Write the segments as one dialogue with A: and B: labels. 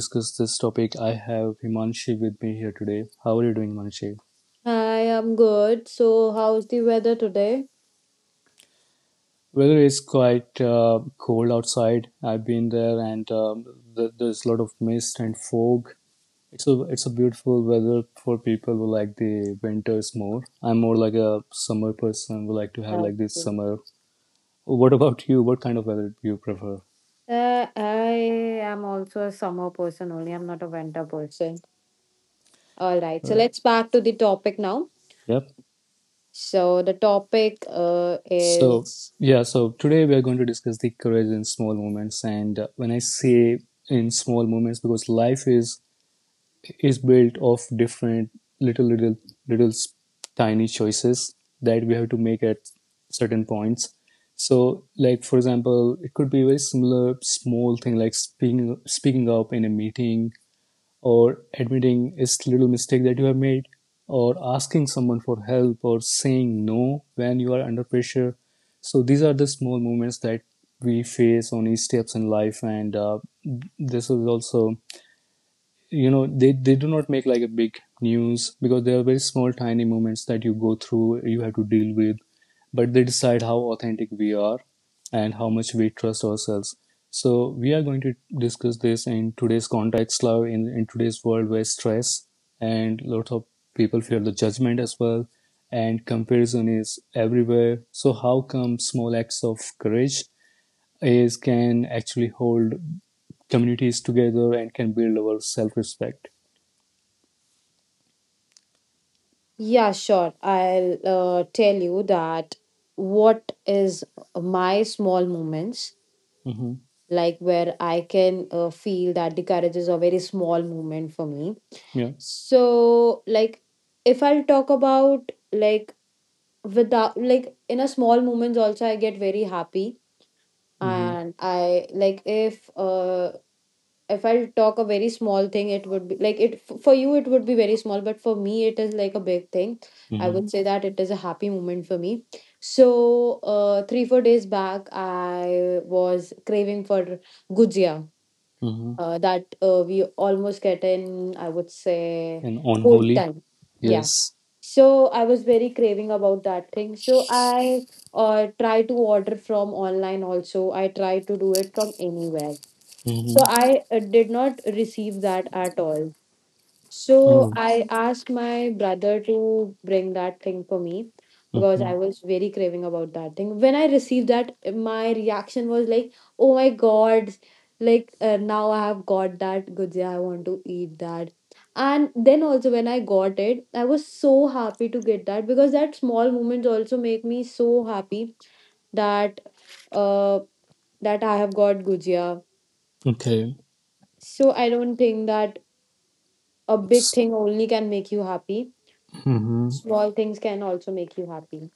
A: Discuss this topic, I have Himanshi with me here today. How are you doing, Himanshi?
B: Hi, I'm good. So, how's the weather today?
A: Weather is quite cold outside. I've been there, and there's a lot of mist and fog. It's a beautiful weather for people who like the winters more. I'm more like a summer person. Who like to have
B: Okay.
A: like this summer. What about you? What kind of weather do you prefer?
B: I am also a summer person only. I'm not a winter person. All right. So,
A: Uh,
B: let's back to the topic now.
A: yep.
B: So, the topic
A: So,
B: is
A: yeah, so today we are going to discuss the courage in small moments. And when I say in small moments, because life is built of different little, little, little tiny choices that we have to make at certain points. So, like for example, it could be a very similar small thing like speaking up in a meeting, or admitting a little mistake that you have made, or asking someone for help, or saying no when you are under pressure. So these are the small moments that we face on each steps in life, and this is also they do not make like a big news, because they are very small tiny moments that you go through, you have to deal with, but they decide how authentic we are and how much we trust ourselves. So we are going to discuss this in today's context, love in today's world, where stress and lots of people fear the judgment as well, and comparison is everywhere. So how come small acts of courage is can actually hold communities together and can build our self-respect?
B: yeah, sure. I'll tell you that what is my small moments
A: Mm-hmm.
B: like where I can feel that the courage is a very small moment for me.
A: Yeah.
B: So, like, if I'll talk about like without like in a small moments also I get very happy
A: Mm-hmm.
B: and I like if if I talk a very small thing it would be like it for you it would be very small but for me it is like a big thing. I
A: Mm-hmm.
B: would say that it is a happy moment for me. So 3 4 days back I was craving for gujia,
A: Mm-hmm.
B: that we almost get in, I would say,
A: And
B: old
A: unholy.
B: time, yeah.
A: Yes.
B: So I was very craving about that thing, so I try to order from online also, I try to do it from anywhere,
A: Mm-hmm.
B: so I did not receive that at all, so
A: Oh.
B: I asked my brother to bring that thing for me because
A: Mm-hmm.
B: I was very craving about that thing. When I received that, my reaction was like, "Oh my God!" Like now I have got that gujia. I want to eat that. And then also when I got it, I was so happy to get that because that small moments also make me so happy that uh that I have got gujia.
A: Okay.
B: So I don't think that a big thing only can make you happy.
A: Mm-hmm.
B: Small things can also make you happy.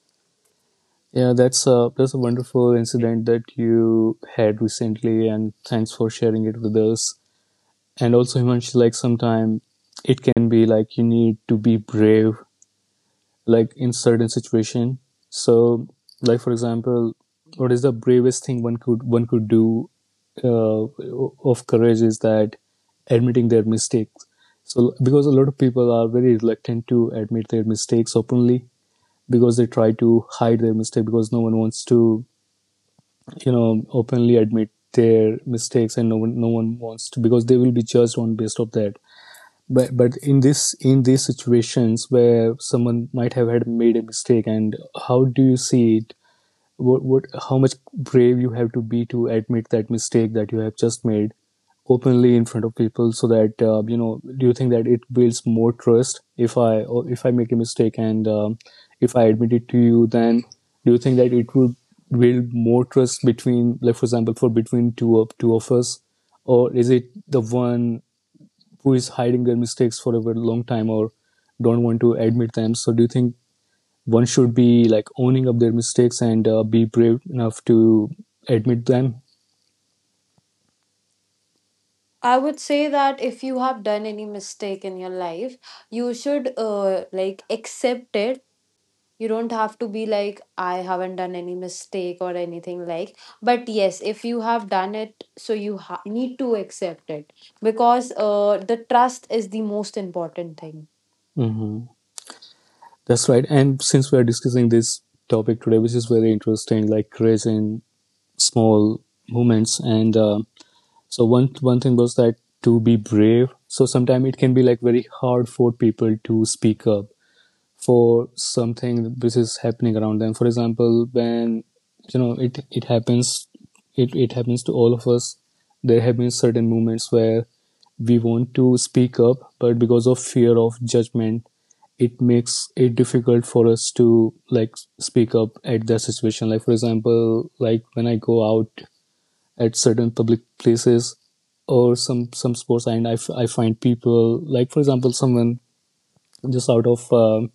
A: Yeah, that's a wonderful incident that you had recently, and thanks for sharing it with us. And also, Himanshi, like sometime it can be like you need to be brave like in certain situation. So like for example, what is the bravest thing one could do uh, of courage is that admitting their mistakes. So because a lot of people are very reluctant to admit their mistakes openly, because they try to hide their mistake, because no one wants to openly admit their mistakes, and no one wants to, because they will be judged on based of that. But in this in these situations where someone might have had made a mistake, and how do you see it? What how much brave you have to be to admit that mistake that you have just made openly in front of people? So that do you think that it builds more trust if I make a mistake, and if I admit it to you, then do you think that it will build more trust between, like for example, for between two of us? Or is it the one who is hiding their mistakes for a very long time or don't want to admit them? So do you think one should be like owning up their mistakes and be brave enough to admit them?
B: I would say that if you have done any mistake in your life, you should like accept it. You don't have to be like, I haven't done any mistake or anything like. But yes, if you have done it, so you need to accept it because the trust is the most important thing.
A: Mm-hmm. That's right. And since we are discussing this topic today, which is very interesting, like courage in small moments, and so one thing was that to be brave. So sometimes it can be like very hard for people to speak up for something which is happening around them. For example, when you know it happens, it happens to all of us. There have been certain moments where we want to speak up, but because of fear of judgment, it makes it difficult for us to like speak up at that situation. Like for example, like when I go out at certain public places or some sports, and I find people, like for example someone just out of um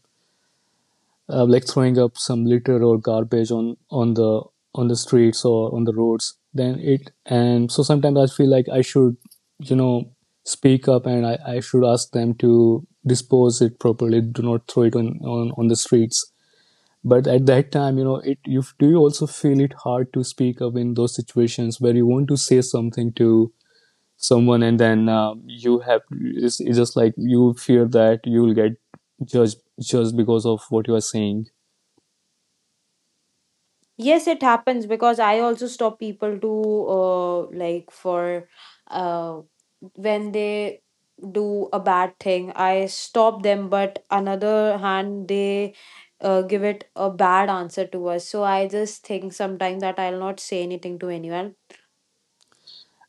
A: uh, like throwing up some litter or garbage on the streets or on the roads. Then it and so sometimes I feel like I should you know speak up, and I should ask them to dispose it properly, do not throw it on the streets. But at that time, it you do, you also feel it hard to speak up in those situations where you want to say something to someone, and then it's just like you fear that you will get judged just because of what you are saying.
B: Yes, it happens because I also stop people to like for uh, when they do a bad thing, I stop them, but another hand, they give it a bad answer to us. So I just think sometimes that I'll not say anything to anyone.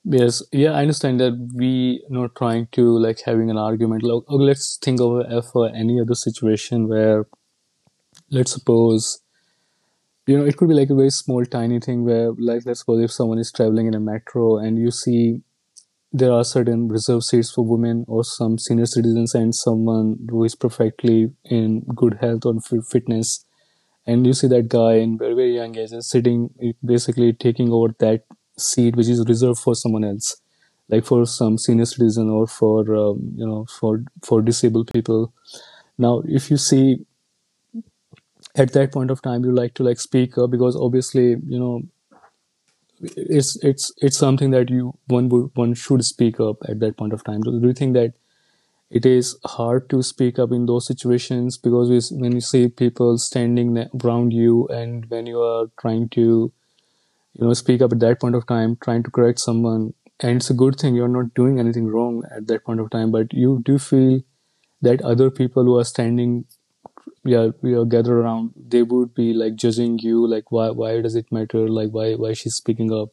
A: Yes, yeah, I understand that we not trying to like having an argument. Like, oh, let's think of for any other situation where, let's suppose, it could be like a very small, tiny thing where, like, let's suppose if someone is traveling in a metro, and you see there are certain reserved seats for women or some senior citizens, and someone who is perfectly in good health or fitness, and you see that guy in very very young age is sitting basically taking over that seat, which is reserved for someone else, like for some senior citizen, or for for disabled people. Now if you see at that point of time, you like to like speak up, because obviously you know it's something that you one would one should speak up at that point of time. Do you think that it is hard to speak up in those situations, because when you see people standing around you, and when you are trying to speak up at that point of time, trying to correct someone, and it's a good thing, you're not doing anything wrong at that point of time, but you do feel that other people who are standing, yeah, we are gathered around, they would be like judging you, like why does it matter, like why she's speaking up.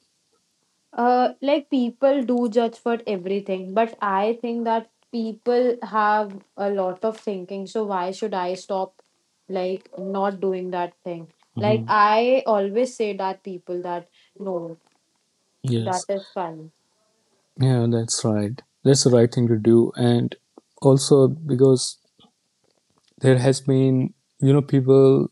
B: Like people do judge for everything, but I think that people have a lot of thinking. So why should I stop, like not doing that thing? Like
A: Hmm.
B: I always say that people that no, that
A: Yes,
B: is fine.
A: yeah, that's right, that's the right thing to do. And also, because there has been, people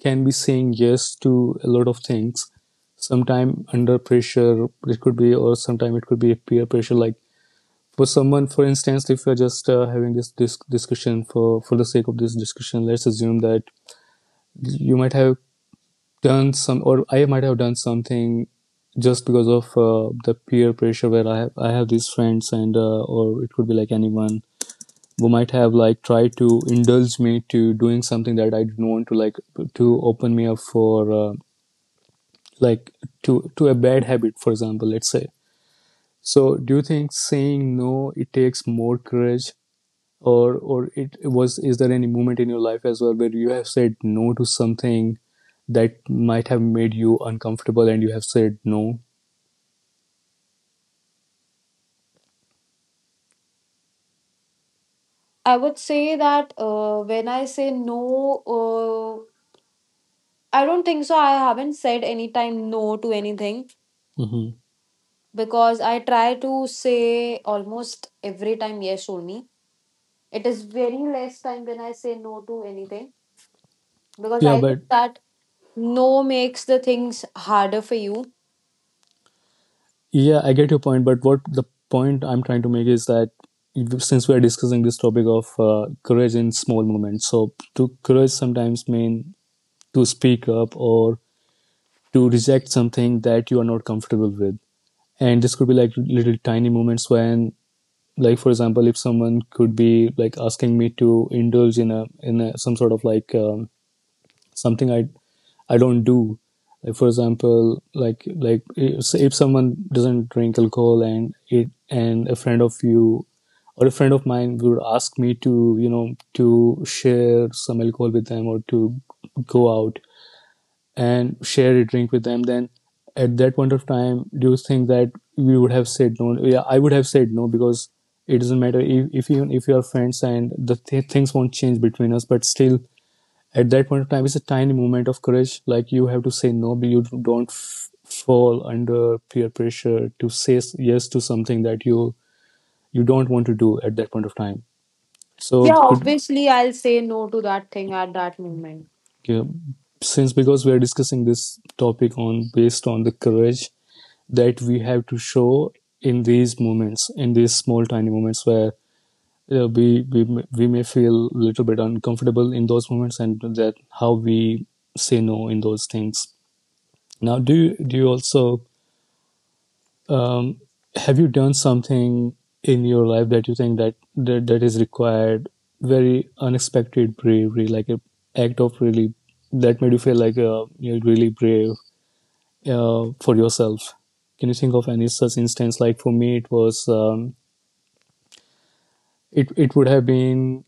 A: can be saying yes to a lot of things sometime under pressure, it could be, or sometime it could be peer pressure. Like for someone, for instance, if you're just having this discussion for the sake of this discussion, let's assume that you might have done some, or I might have done something just because of the peer pressure, where I have these friends, and or it could be like anyone who might have like tried to indulge me to doing something that I didn't want to, like to open me up for like to a bad habit, for example, let's say. So, do you think saying no it takes more courage, or it was is there any moment in your life as well where you have said no to something that might have made you uncomfortable, and you have said no?
B: I would say that when I say no, I don't think so. I haven't said any time no to anything
A: Hmm.
B: because I try to say almost every time yes only. It is very less time when I say no to anything because
A: Yeah,
B: I think
A: but
B: that no makes the things harder for you.
A: yeah, I get your point, but what the point I'm trying to make is that since we are discussing this topic of courage in small moments, so to courage sometimes mean to speak up or to reject something that you are not comfortable with. And this could be like little tiny moments when, like for example, if someone could be like asking me to indulge some sort of like something I don't do. Like for example, like if someone doesn't drink alcohol, and a friend of you, or a friend of mine, would ask me to to share some alcohol with them, or to go out and share a drink with them, then at that point of time, do you think that we would have said no? Yeah, I would have said no, because it doesn't matter if even if you are friends, and the things won't change between us. But still at that point of time, it's a tiny moment of courage, like you have to say no, but you don't fall under peer pressure to say yes to something that you don't want to do at that point of time. So
B: Yeah,
A: could
B: obviously, I'll say no to that thing at that moment.
A: yeah, since because we are discussing this topic on based on the courage that we have to show in these moments, in these small tiny moments where uh, we, we we may feel a little bit uncomfortable in those moments, and that how we say no in those things. Now, do you also um, have you done something in your life that you think that is required very unexpected bravery, like an act of really that made you feel like you're really brave for yourself? Can you think of any such instance? Like for me, it was it would have been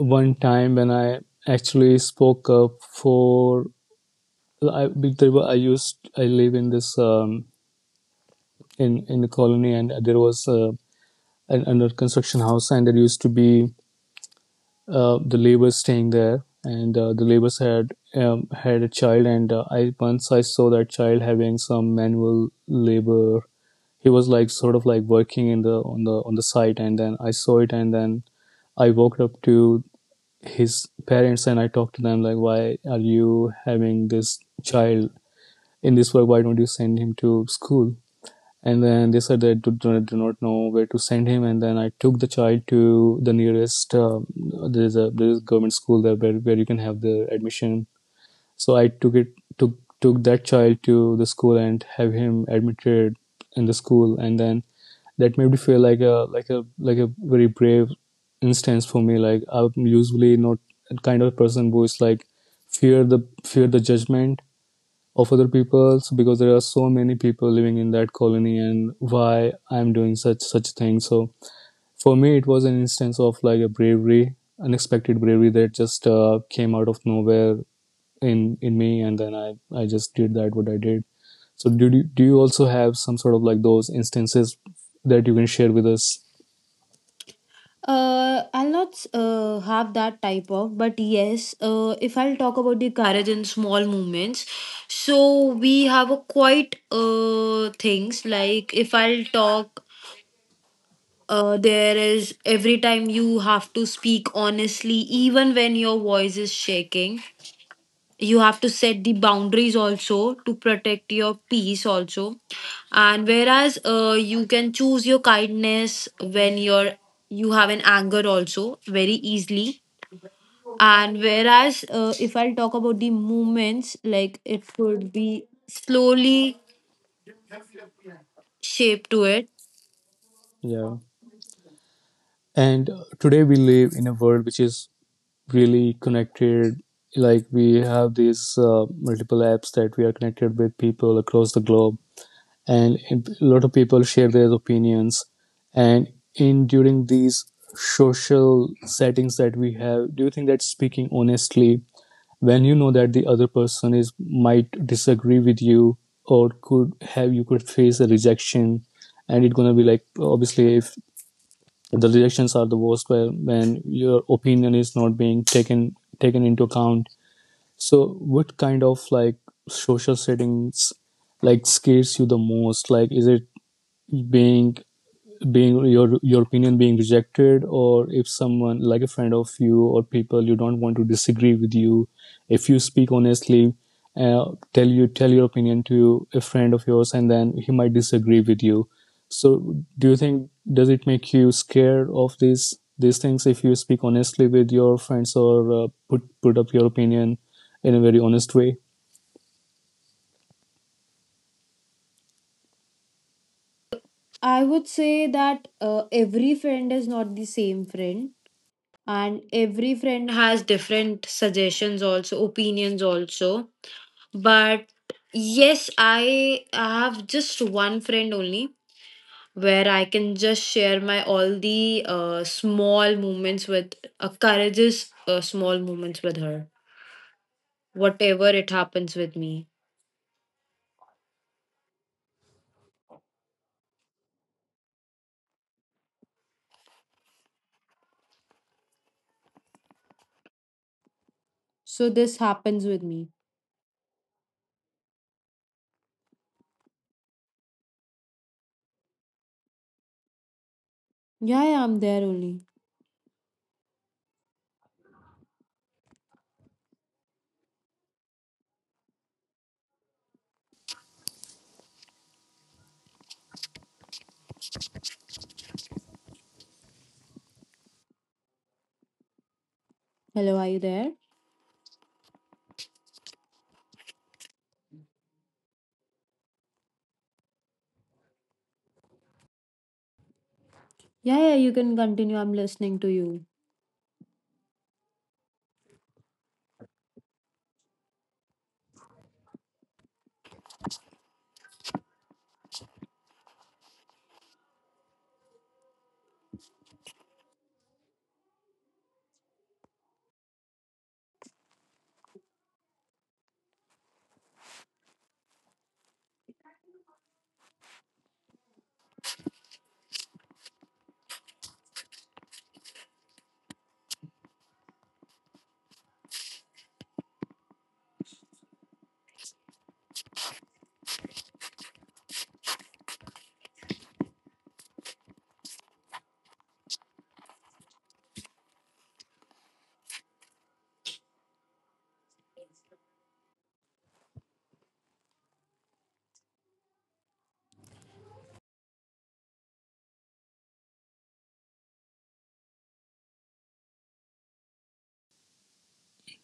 A: one time when I actually spoke up for I, there were, I used I live in this in the colony, and there was an under construction house, and there used to be the laborers staying there, and the laborers had had a child. And I once I saw that child having some manual labor. He was like sort of like working in the on the site, and then I saw it, and then I walked up to his parents and I talked to them like, why are you having this child in this work? Why don't you send him to school? And then they said they do not know where to send him, and then I took the child to the nearest there's a government school there where, you can have the admission. So I took it took took that child to the school and have him admitted in the school, and then that made me feel like a like a very brave instance for me. Like, I'm usually not kind of person who is like fear the judgment of other people's, because there are so many people living in that colony, and why I'm doing such things. So for me, it was an instance of like a bravery, unexpected bravery that just came out of nowhere in me, and then I just did that what I did. So do you also have some sort of like those instances that you can share with us?
B: I'll not have that type of, but yes, if I'll talk about the courage in small moments, so we have a quite things like if I'll talk, there is every time you have to speak honestly, even when your voice is shaking. You have to set the boundaries also to protect your peace also and whereas you can choose your kindness when you have an anger also very easily and whereas if I'll talk about the movements like it could be slowly shaped to it.
A: Yeah. And today we live in a world which is really connected. Like, we have these multiple apps that we are connected with people across the globe, and a lot of people share their opinions and in during these social settings that we have. Do you think that speaking honestly when you know that the other person is might disagree with you or could have you could face a rejection? And it's gonna be like obviously if the rejections are the worst where when your opinion is not being taken into account. So what kind of like social settings like scares you the most? Like, is it being being your opinion being rejected, or if someone like a friend of you or people you don't want to disagree with you if you speak honestly, uh, tell you tell your opinion to a friend of yours and then he might disagree with you? So do you think does it make you scared of these things if you speak honestly with your friends, or put up your opinion in a very honest way?
B: I would say that every friend is not the same friend and every friend has different suggestions also, opinions also, but yes I have just one friend only where I can just share my all the small moments with courageous small moments with her whatever it happens with me. So this happens with me, yeah, yeah, I'm there only. Hello, are you there? Yeah, yeah, you can continue, I'm listening to you.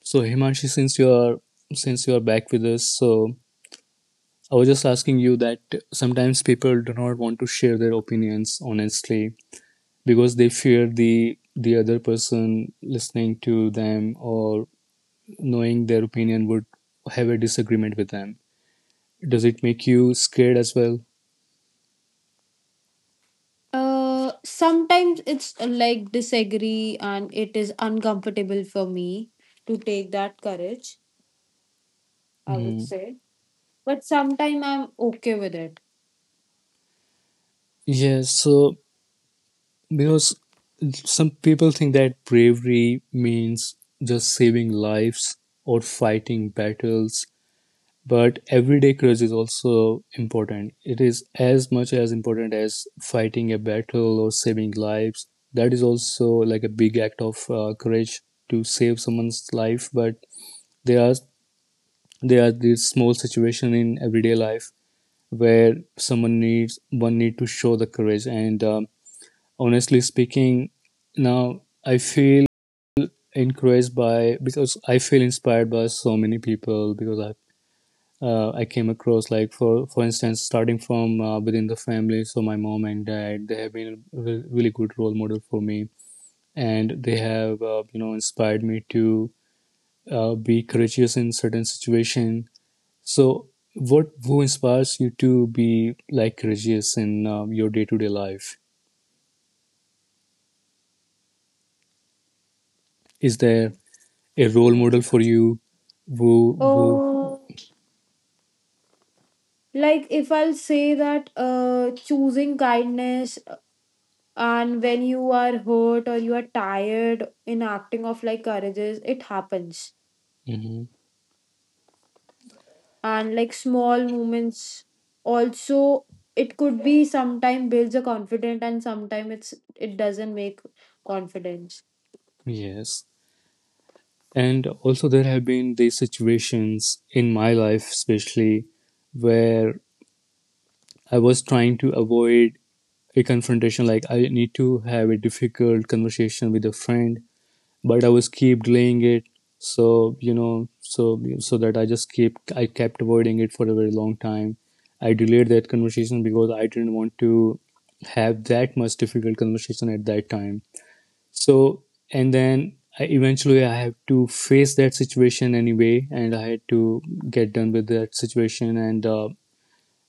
A: So Himanshi, since you are back with us, so I was just asking you that sometimes people do not want to share their opinions honestly because they fear the other person listening to them or knowing their opinion would have a disagreement with them. Does it make you scared as well?
B: Sometimes it's like disagree and it is uncomfortable for me to take that courage, I would
A: Mm.
B: say. But sometimes I'm okay with it.
A: Yes, so because some people think that bravery means just saving lives or fighting battles, but everyday courage is also important. It is as much as important as fighting a battle or saving lives. That is also like a big act of courage to save someone's life, but there are there are these small situations in everyday life where someone needs one need to show the courage. And honestly speaking, now I feel encouraged by because I feel inspired by so many people, because I I came across, like for instance, starting from within the family. So my mom and dad, they have been a really good role model for me, and they have you know inspired me to be courageous in certain situation. So what who inspires you to be like courageous in your day to day life? Is there a role model
B: Okay.
A: for you? Who?
B: Oh, like if I'll say that choosing kindness and when you are hurt or you are tired in acting of like courages, it happens
A: Hmm.
B: and like small moments also it could be sometime builds a confidence and sometime it doesn't make confidence.
A: Yes. And also, there have been these situations in my life, especially where I was trying to avoid a confrontation. Like, I need to have a difficult conversation with a friend, but I was keep delaying it. So, you know, so, that I just keep, I kept avoiding it for a very long time. I delayed that conversation because I didn't want to have that much difficult conversation at that time. So, and then I, eventually I had to face that situation anyway, and I had to get done with that situation and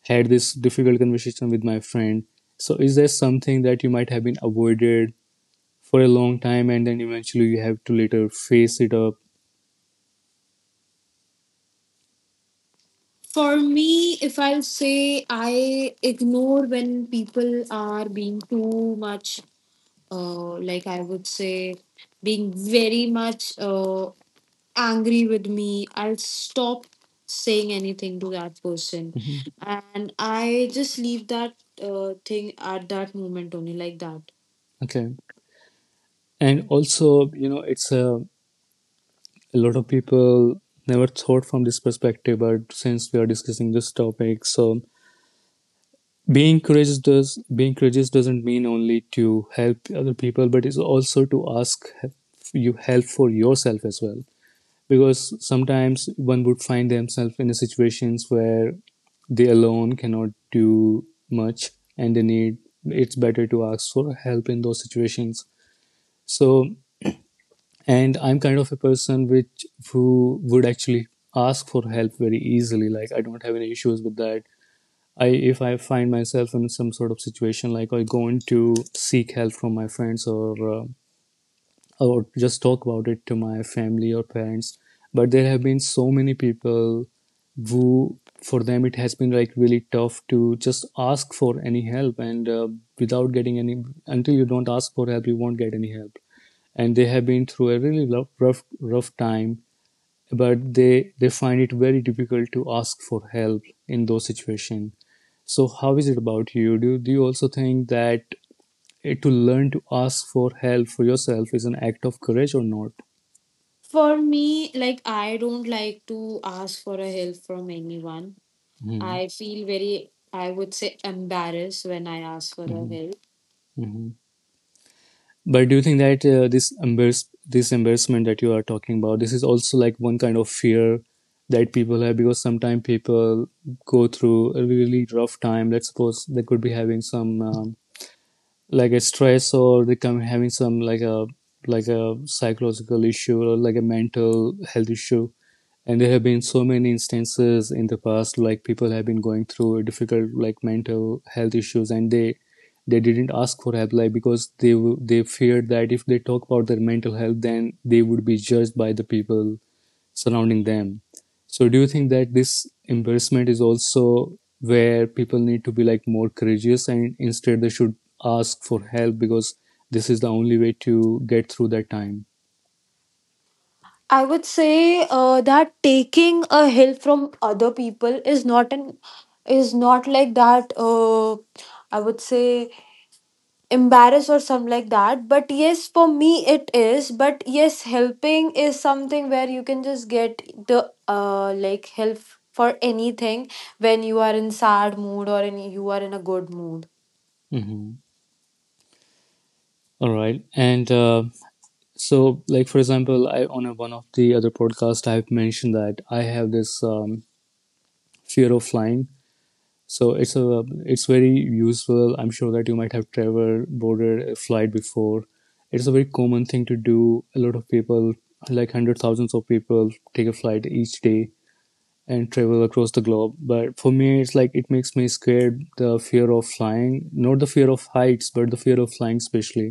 A: had this difficult conversation with my friend. So, is there something that you might have been avoided for a long time, and then eventually you have to later face it up?
B: For me, if I'll say I ignore when people are being too much, like I would say, being very much angry with me, I'll stop saying anything to that person.
A: Hmm.
B: And I just leave that thing at that moment only, like that.
A: Okay. And also, you know, it's a lot of people never thought from this perspective, but since we are discussing this topic, so being courageous does being courageous doesn't mean only to help other people, but it's also to ask you help for yourself as well, because sometimes one would find themselves in a situations where they alone cannot do much, and they need it's better to ask for help in those situations. So, and I'm kind of a person which who would actually ask for help very easily. Like, I don't have any issues with that. I if I find myself in some sort of situation, like I going to seek help from my friends, or just talk about it to my family or parents. But there have been so many people who for them it has been like really tough to just ask for any help, and without getting any until you don't ask for help you won't get any help, and they have been through a really rough time, but they find it very difficult to ask for help in those situations. So how is it about you? Do you also think that eh, to learn to ask for help for yourself is an act of courage or not?
B: For me, like I don't like to ask for a help from anyone.
A: Hmm.
B: I feel very, I would say, embarrassed when I ask for a
A: Hmm.
B: help.
A: Hmm. But do you think that this embarrass this embarrassment that you are talking about this is also like one kind of fear that people have? Because sometimes people go through a really rough time, let's suppose they could be having some like a stress, or they come having some like a psychological issue, or like a mental health issue, and there have been so many instances in the past like people have been going through difficult like mental health issues, and they didn't ask for help, like because they they feared that if they talk about their mental health then they would be judged by the people surrounding them. So, do you think that this embarrassment is also where people need to be like more courageous, and instead they should ask for help because this is the only way to get through that time?
B: I would say that taking a help from other people is not an is not like that. I would say embarrassed or some like that, but yes for me it is, but yes helping is something where you can just get the like help for anything when you are in sad mood or in you are in a good mood.
A: Mhm. All right. And so, like for example, I on a, one of the other podcasts, I've mentioned that I have this fear of flying. So it's a it's very useful. I'm sure that you might have traveled, boarded a flight before. It's a very common thing to do. A lot of people, like 100,000s of people, take a flight each day and travel across the globe. But for me, it's like it makes me scared. The fear of flying, not the fear of heights, but the fear of flying, especially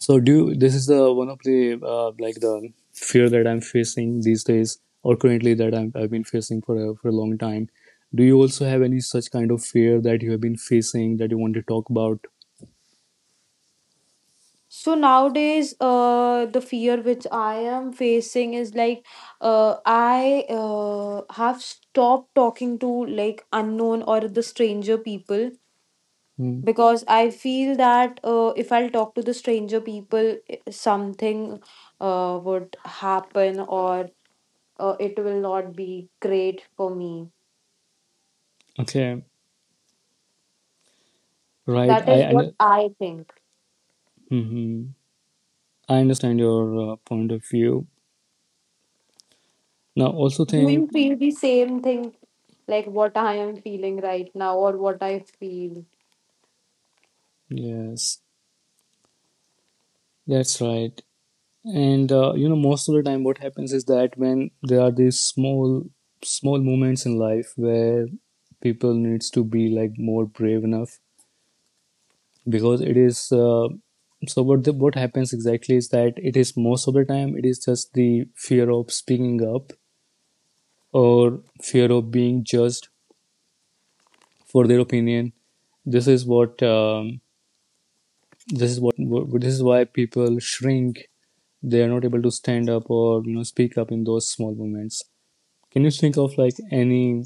A: so do you, this is the one of the like the fear that I'm facing these days, or currently that I'm, I've been facing for a long time. Do you also have any such kind of fear that you have been facing that you want to talk about?
B: So nowadays the fear which I am facing is like I have stopped talking to like unknown or the stranger people
A: Hmm.
B: because I feel that if I'll talk to the stranger people, something would happen or it will not be great for me.
A: Okay, right.
B: That
A: I
B: is what
A: and
B: I think.
A: hmm I understand your point of view. Now also
B: Do you
A: think
B: feel the same thing, like what I am feeling right now, or what I feel?
A: yes, that's right. And most of the time what happens is that when there are these small small moments in life where people needs to be like more brave enough, because it is so what happens exactly is that, it is most of the time, it is just the fear of speaking up or fear of being judged for their opinion. This is what this is what this is why people shrink. They are not able to stand up or speak up in those small moments. Can you think of like any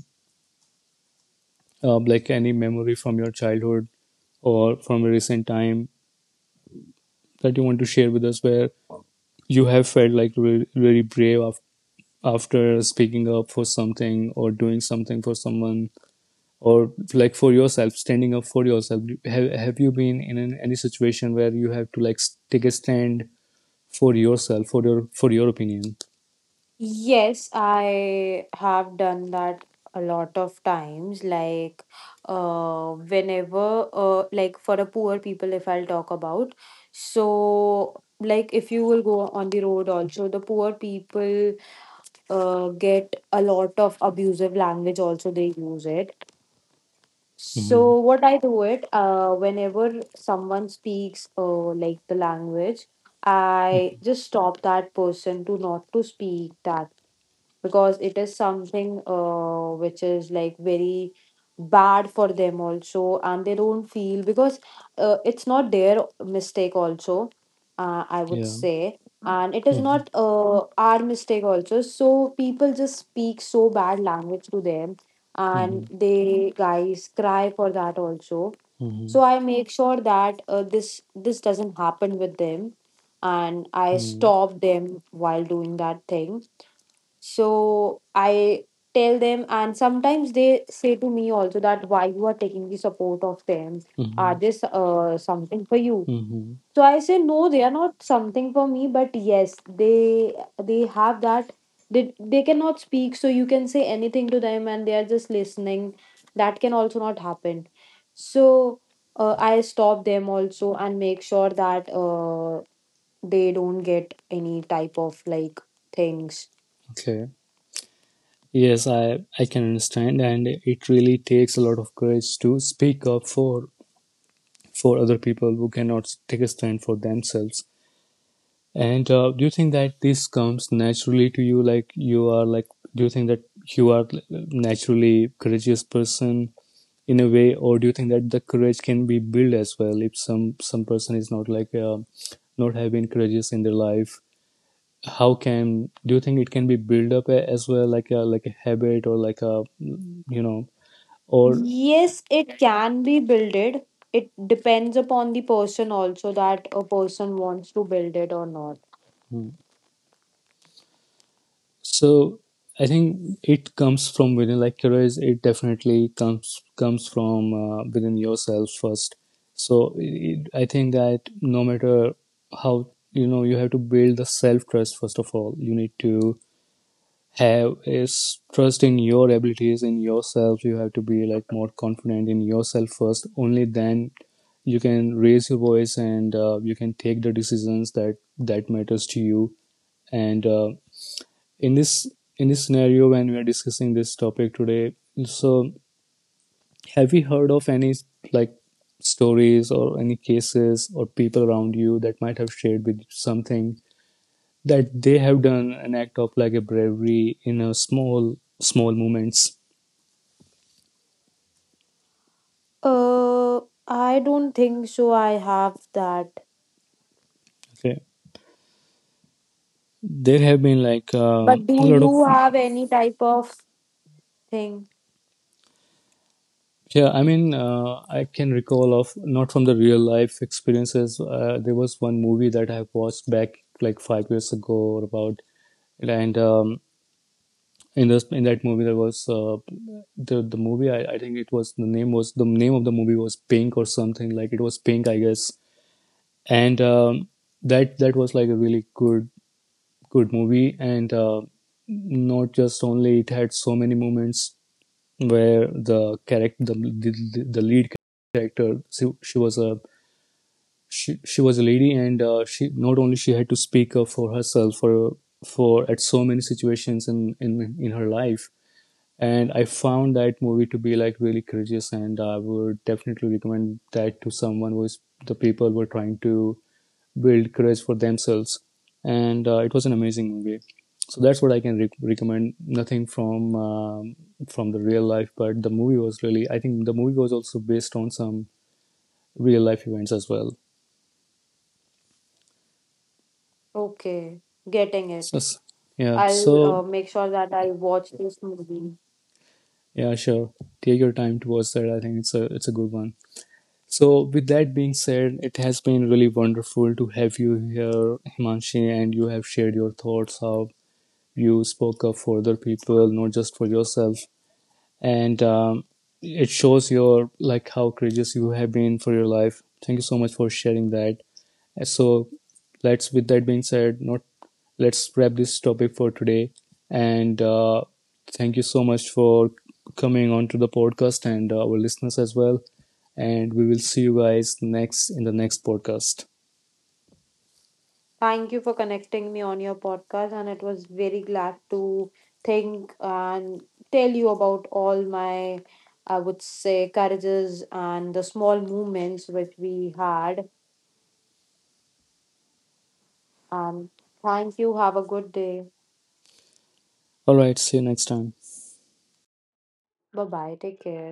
A: memory from your childhood or from a recent time that you want to share with us, where you have felt like really brave after speaking up for something or doing something for someone, or like for yourself, standing up for yourself? Have you been in any situation where you have to like take a stand for yourself, for your opinion?
B: Yes, I have done that a lot of times. Like, whenever, like for a poor people, if I'll talk about, so like if you will go on the road, also the poor people, get a lot of abusive language. Also, they use it.
A: Hmm.
B: So what I do it, whenever someone speaks, like the language, I just stop that person to not to speak that because it is something which is like very bad for them also and they don't feel because it's not their mistake also, I would
A: Yeah.
B: say, and it is
A: Hmm,
B: not our mistake also. So people just speak so bad language to them
A: hmm,
B: and they guys cry for that also. So
A: hmm,
B: I make sure that this doesn't happen with them and I
A: hmm,
B: stop them while doing that thing. So I tell them, and sometimes they say to me also that why you are taking the support of them? Are
A: hmm,
B: this something for you?
A: hmm.
B: So I say no, they are not something for me, but yes, they have that. They cannot speak, so you can say anything to them, and they are just listening. That can also not happen. So I stop them also and make sure that they don't get any type of like things.
A: Okay. Yes, I can understand, and it really takes a lot of courage to speak up for other people who cannot take a stand for themselves. And do you think that this comes naturally to you? Like, you are like, do you think that you are naturally courageous person in a way, or do you think that the courage can be built as well? If some person is not like not having courageous in their life, how can do you think it can be built up as well, like a habit, or like a you know or
B: Yes, it can be builded. It depends upon the person also that a person wants to build it or not.
A: hmm. So I think it comes from within, like courage, it definitely comes from within yourself first. So I think that no matter how, you have to build the self trust. First of all you need to have is trust in your abilities, in yourself. You have to be like more confident in yourself first, only then you can raise your voice, and you can take the decisions that matters to you. And in this scenario, when we are discussing this topic today, so have you heard of any like stories or any cases or people around you that might have shared with something that they have done an act of like a bravery in a small small moments?
B: Uh, I don't think so. I have that.
A: Okay, there have been like
B: But
A: a
B: do
A: lot of,
B: you have any type of thing?
A: yeah. I mean, I can recall of, not from the real life experiences. There was one movie that I watched back like 5 years ago or about. And in this in that movie, there was the movie, I think it was the name of the movie was Pink or something. Like, it was Pink I guess. And that was like a really good movie. And not just only it had so many moments where the character the lead character, she was a lady. And she not only she had to speak up for herself for at so many situations in her life. And I found that movie to be like really courageous, and I would definitely recommend that to someone who is the people were trying to build courage for themselves. And it was an amazing movie, so that's what I can recommend. Nothing from from the real life, but the movie was really, I think the movie was also based on some real life events as well.
B: Okay, getting
A: So
B: it.
A: yeah.
B: I'll
A: So
B: make sure that I watch this movie.
A: yeah, sure, take your time to watch that. I think it's a good one. So with that being said, it has been really wonderful to have you here, Himanshi, and you have shared your thoughts, how you spoke up for other people, not just for yourself. And it shows your like how courageous you have been for your life. Thank you so much for sharing that. So let's, with that being said, not, let's wrap this topic for today. And thank you so much for coming on to the podcast, and our listeners as well, and we will see you guys next in the next podcast.
B: Thank you for connecting me on your podcast, and it was very glad to think and tell you about all my, I would say, courages and the small movements which we had. Um, thank you. Have a good day.
A: All right, see you next time.
B: Bye bye. Take care.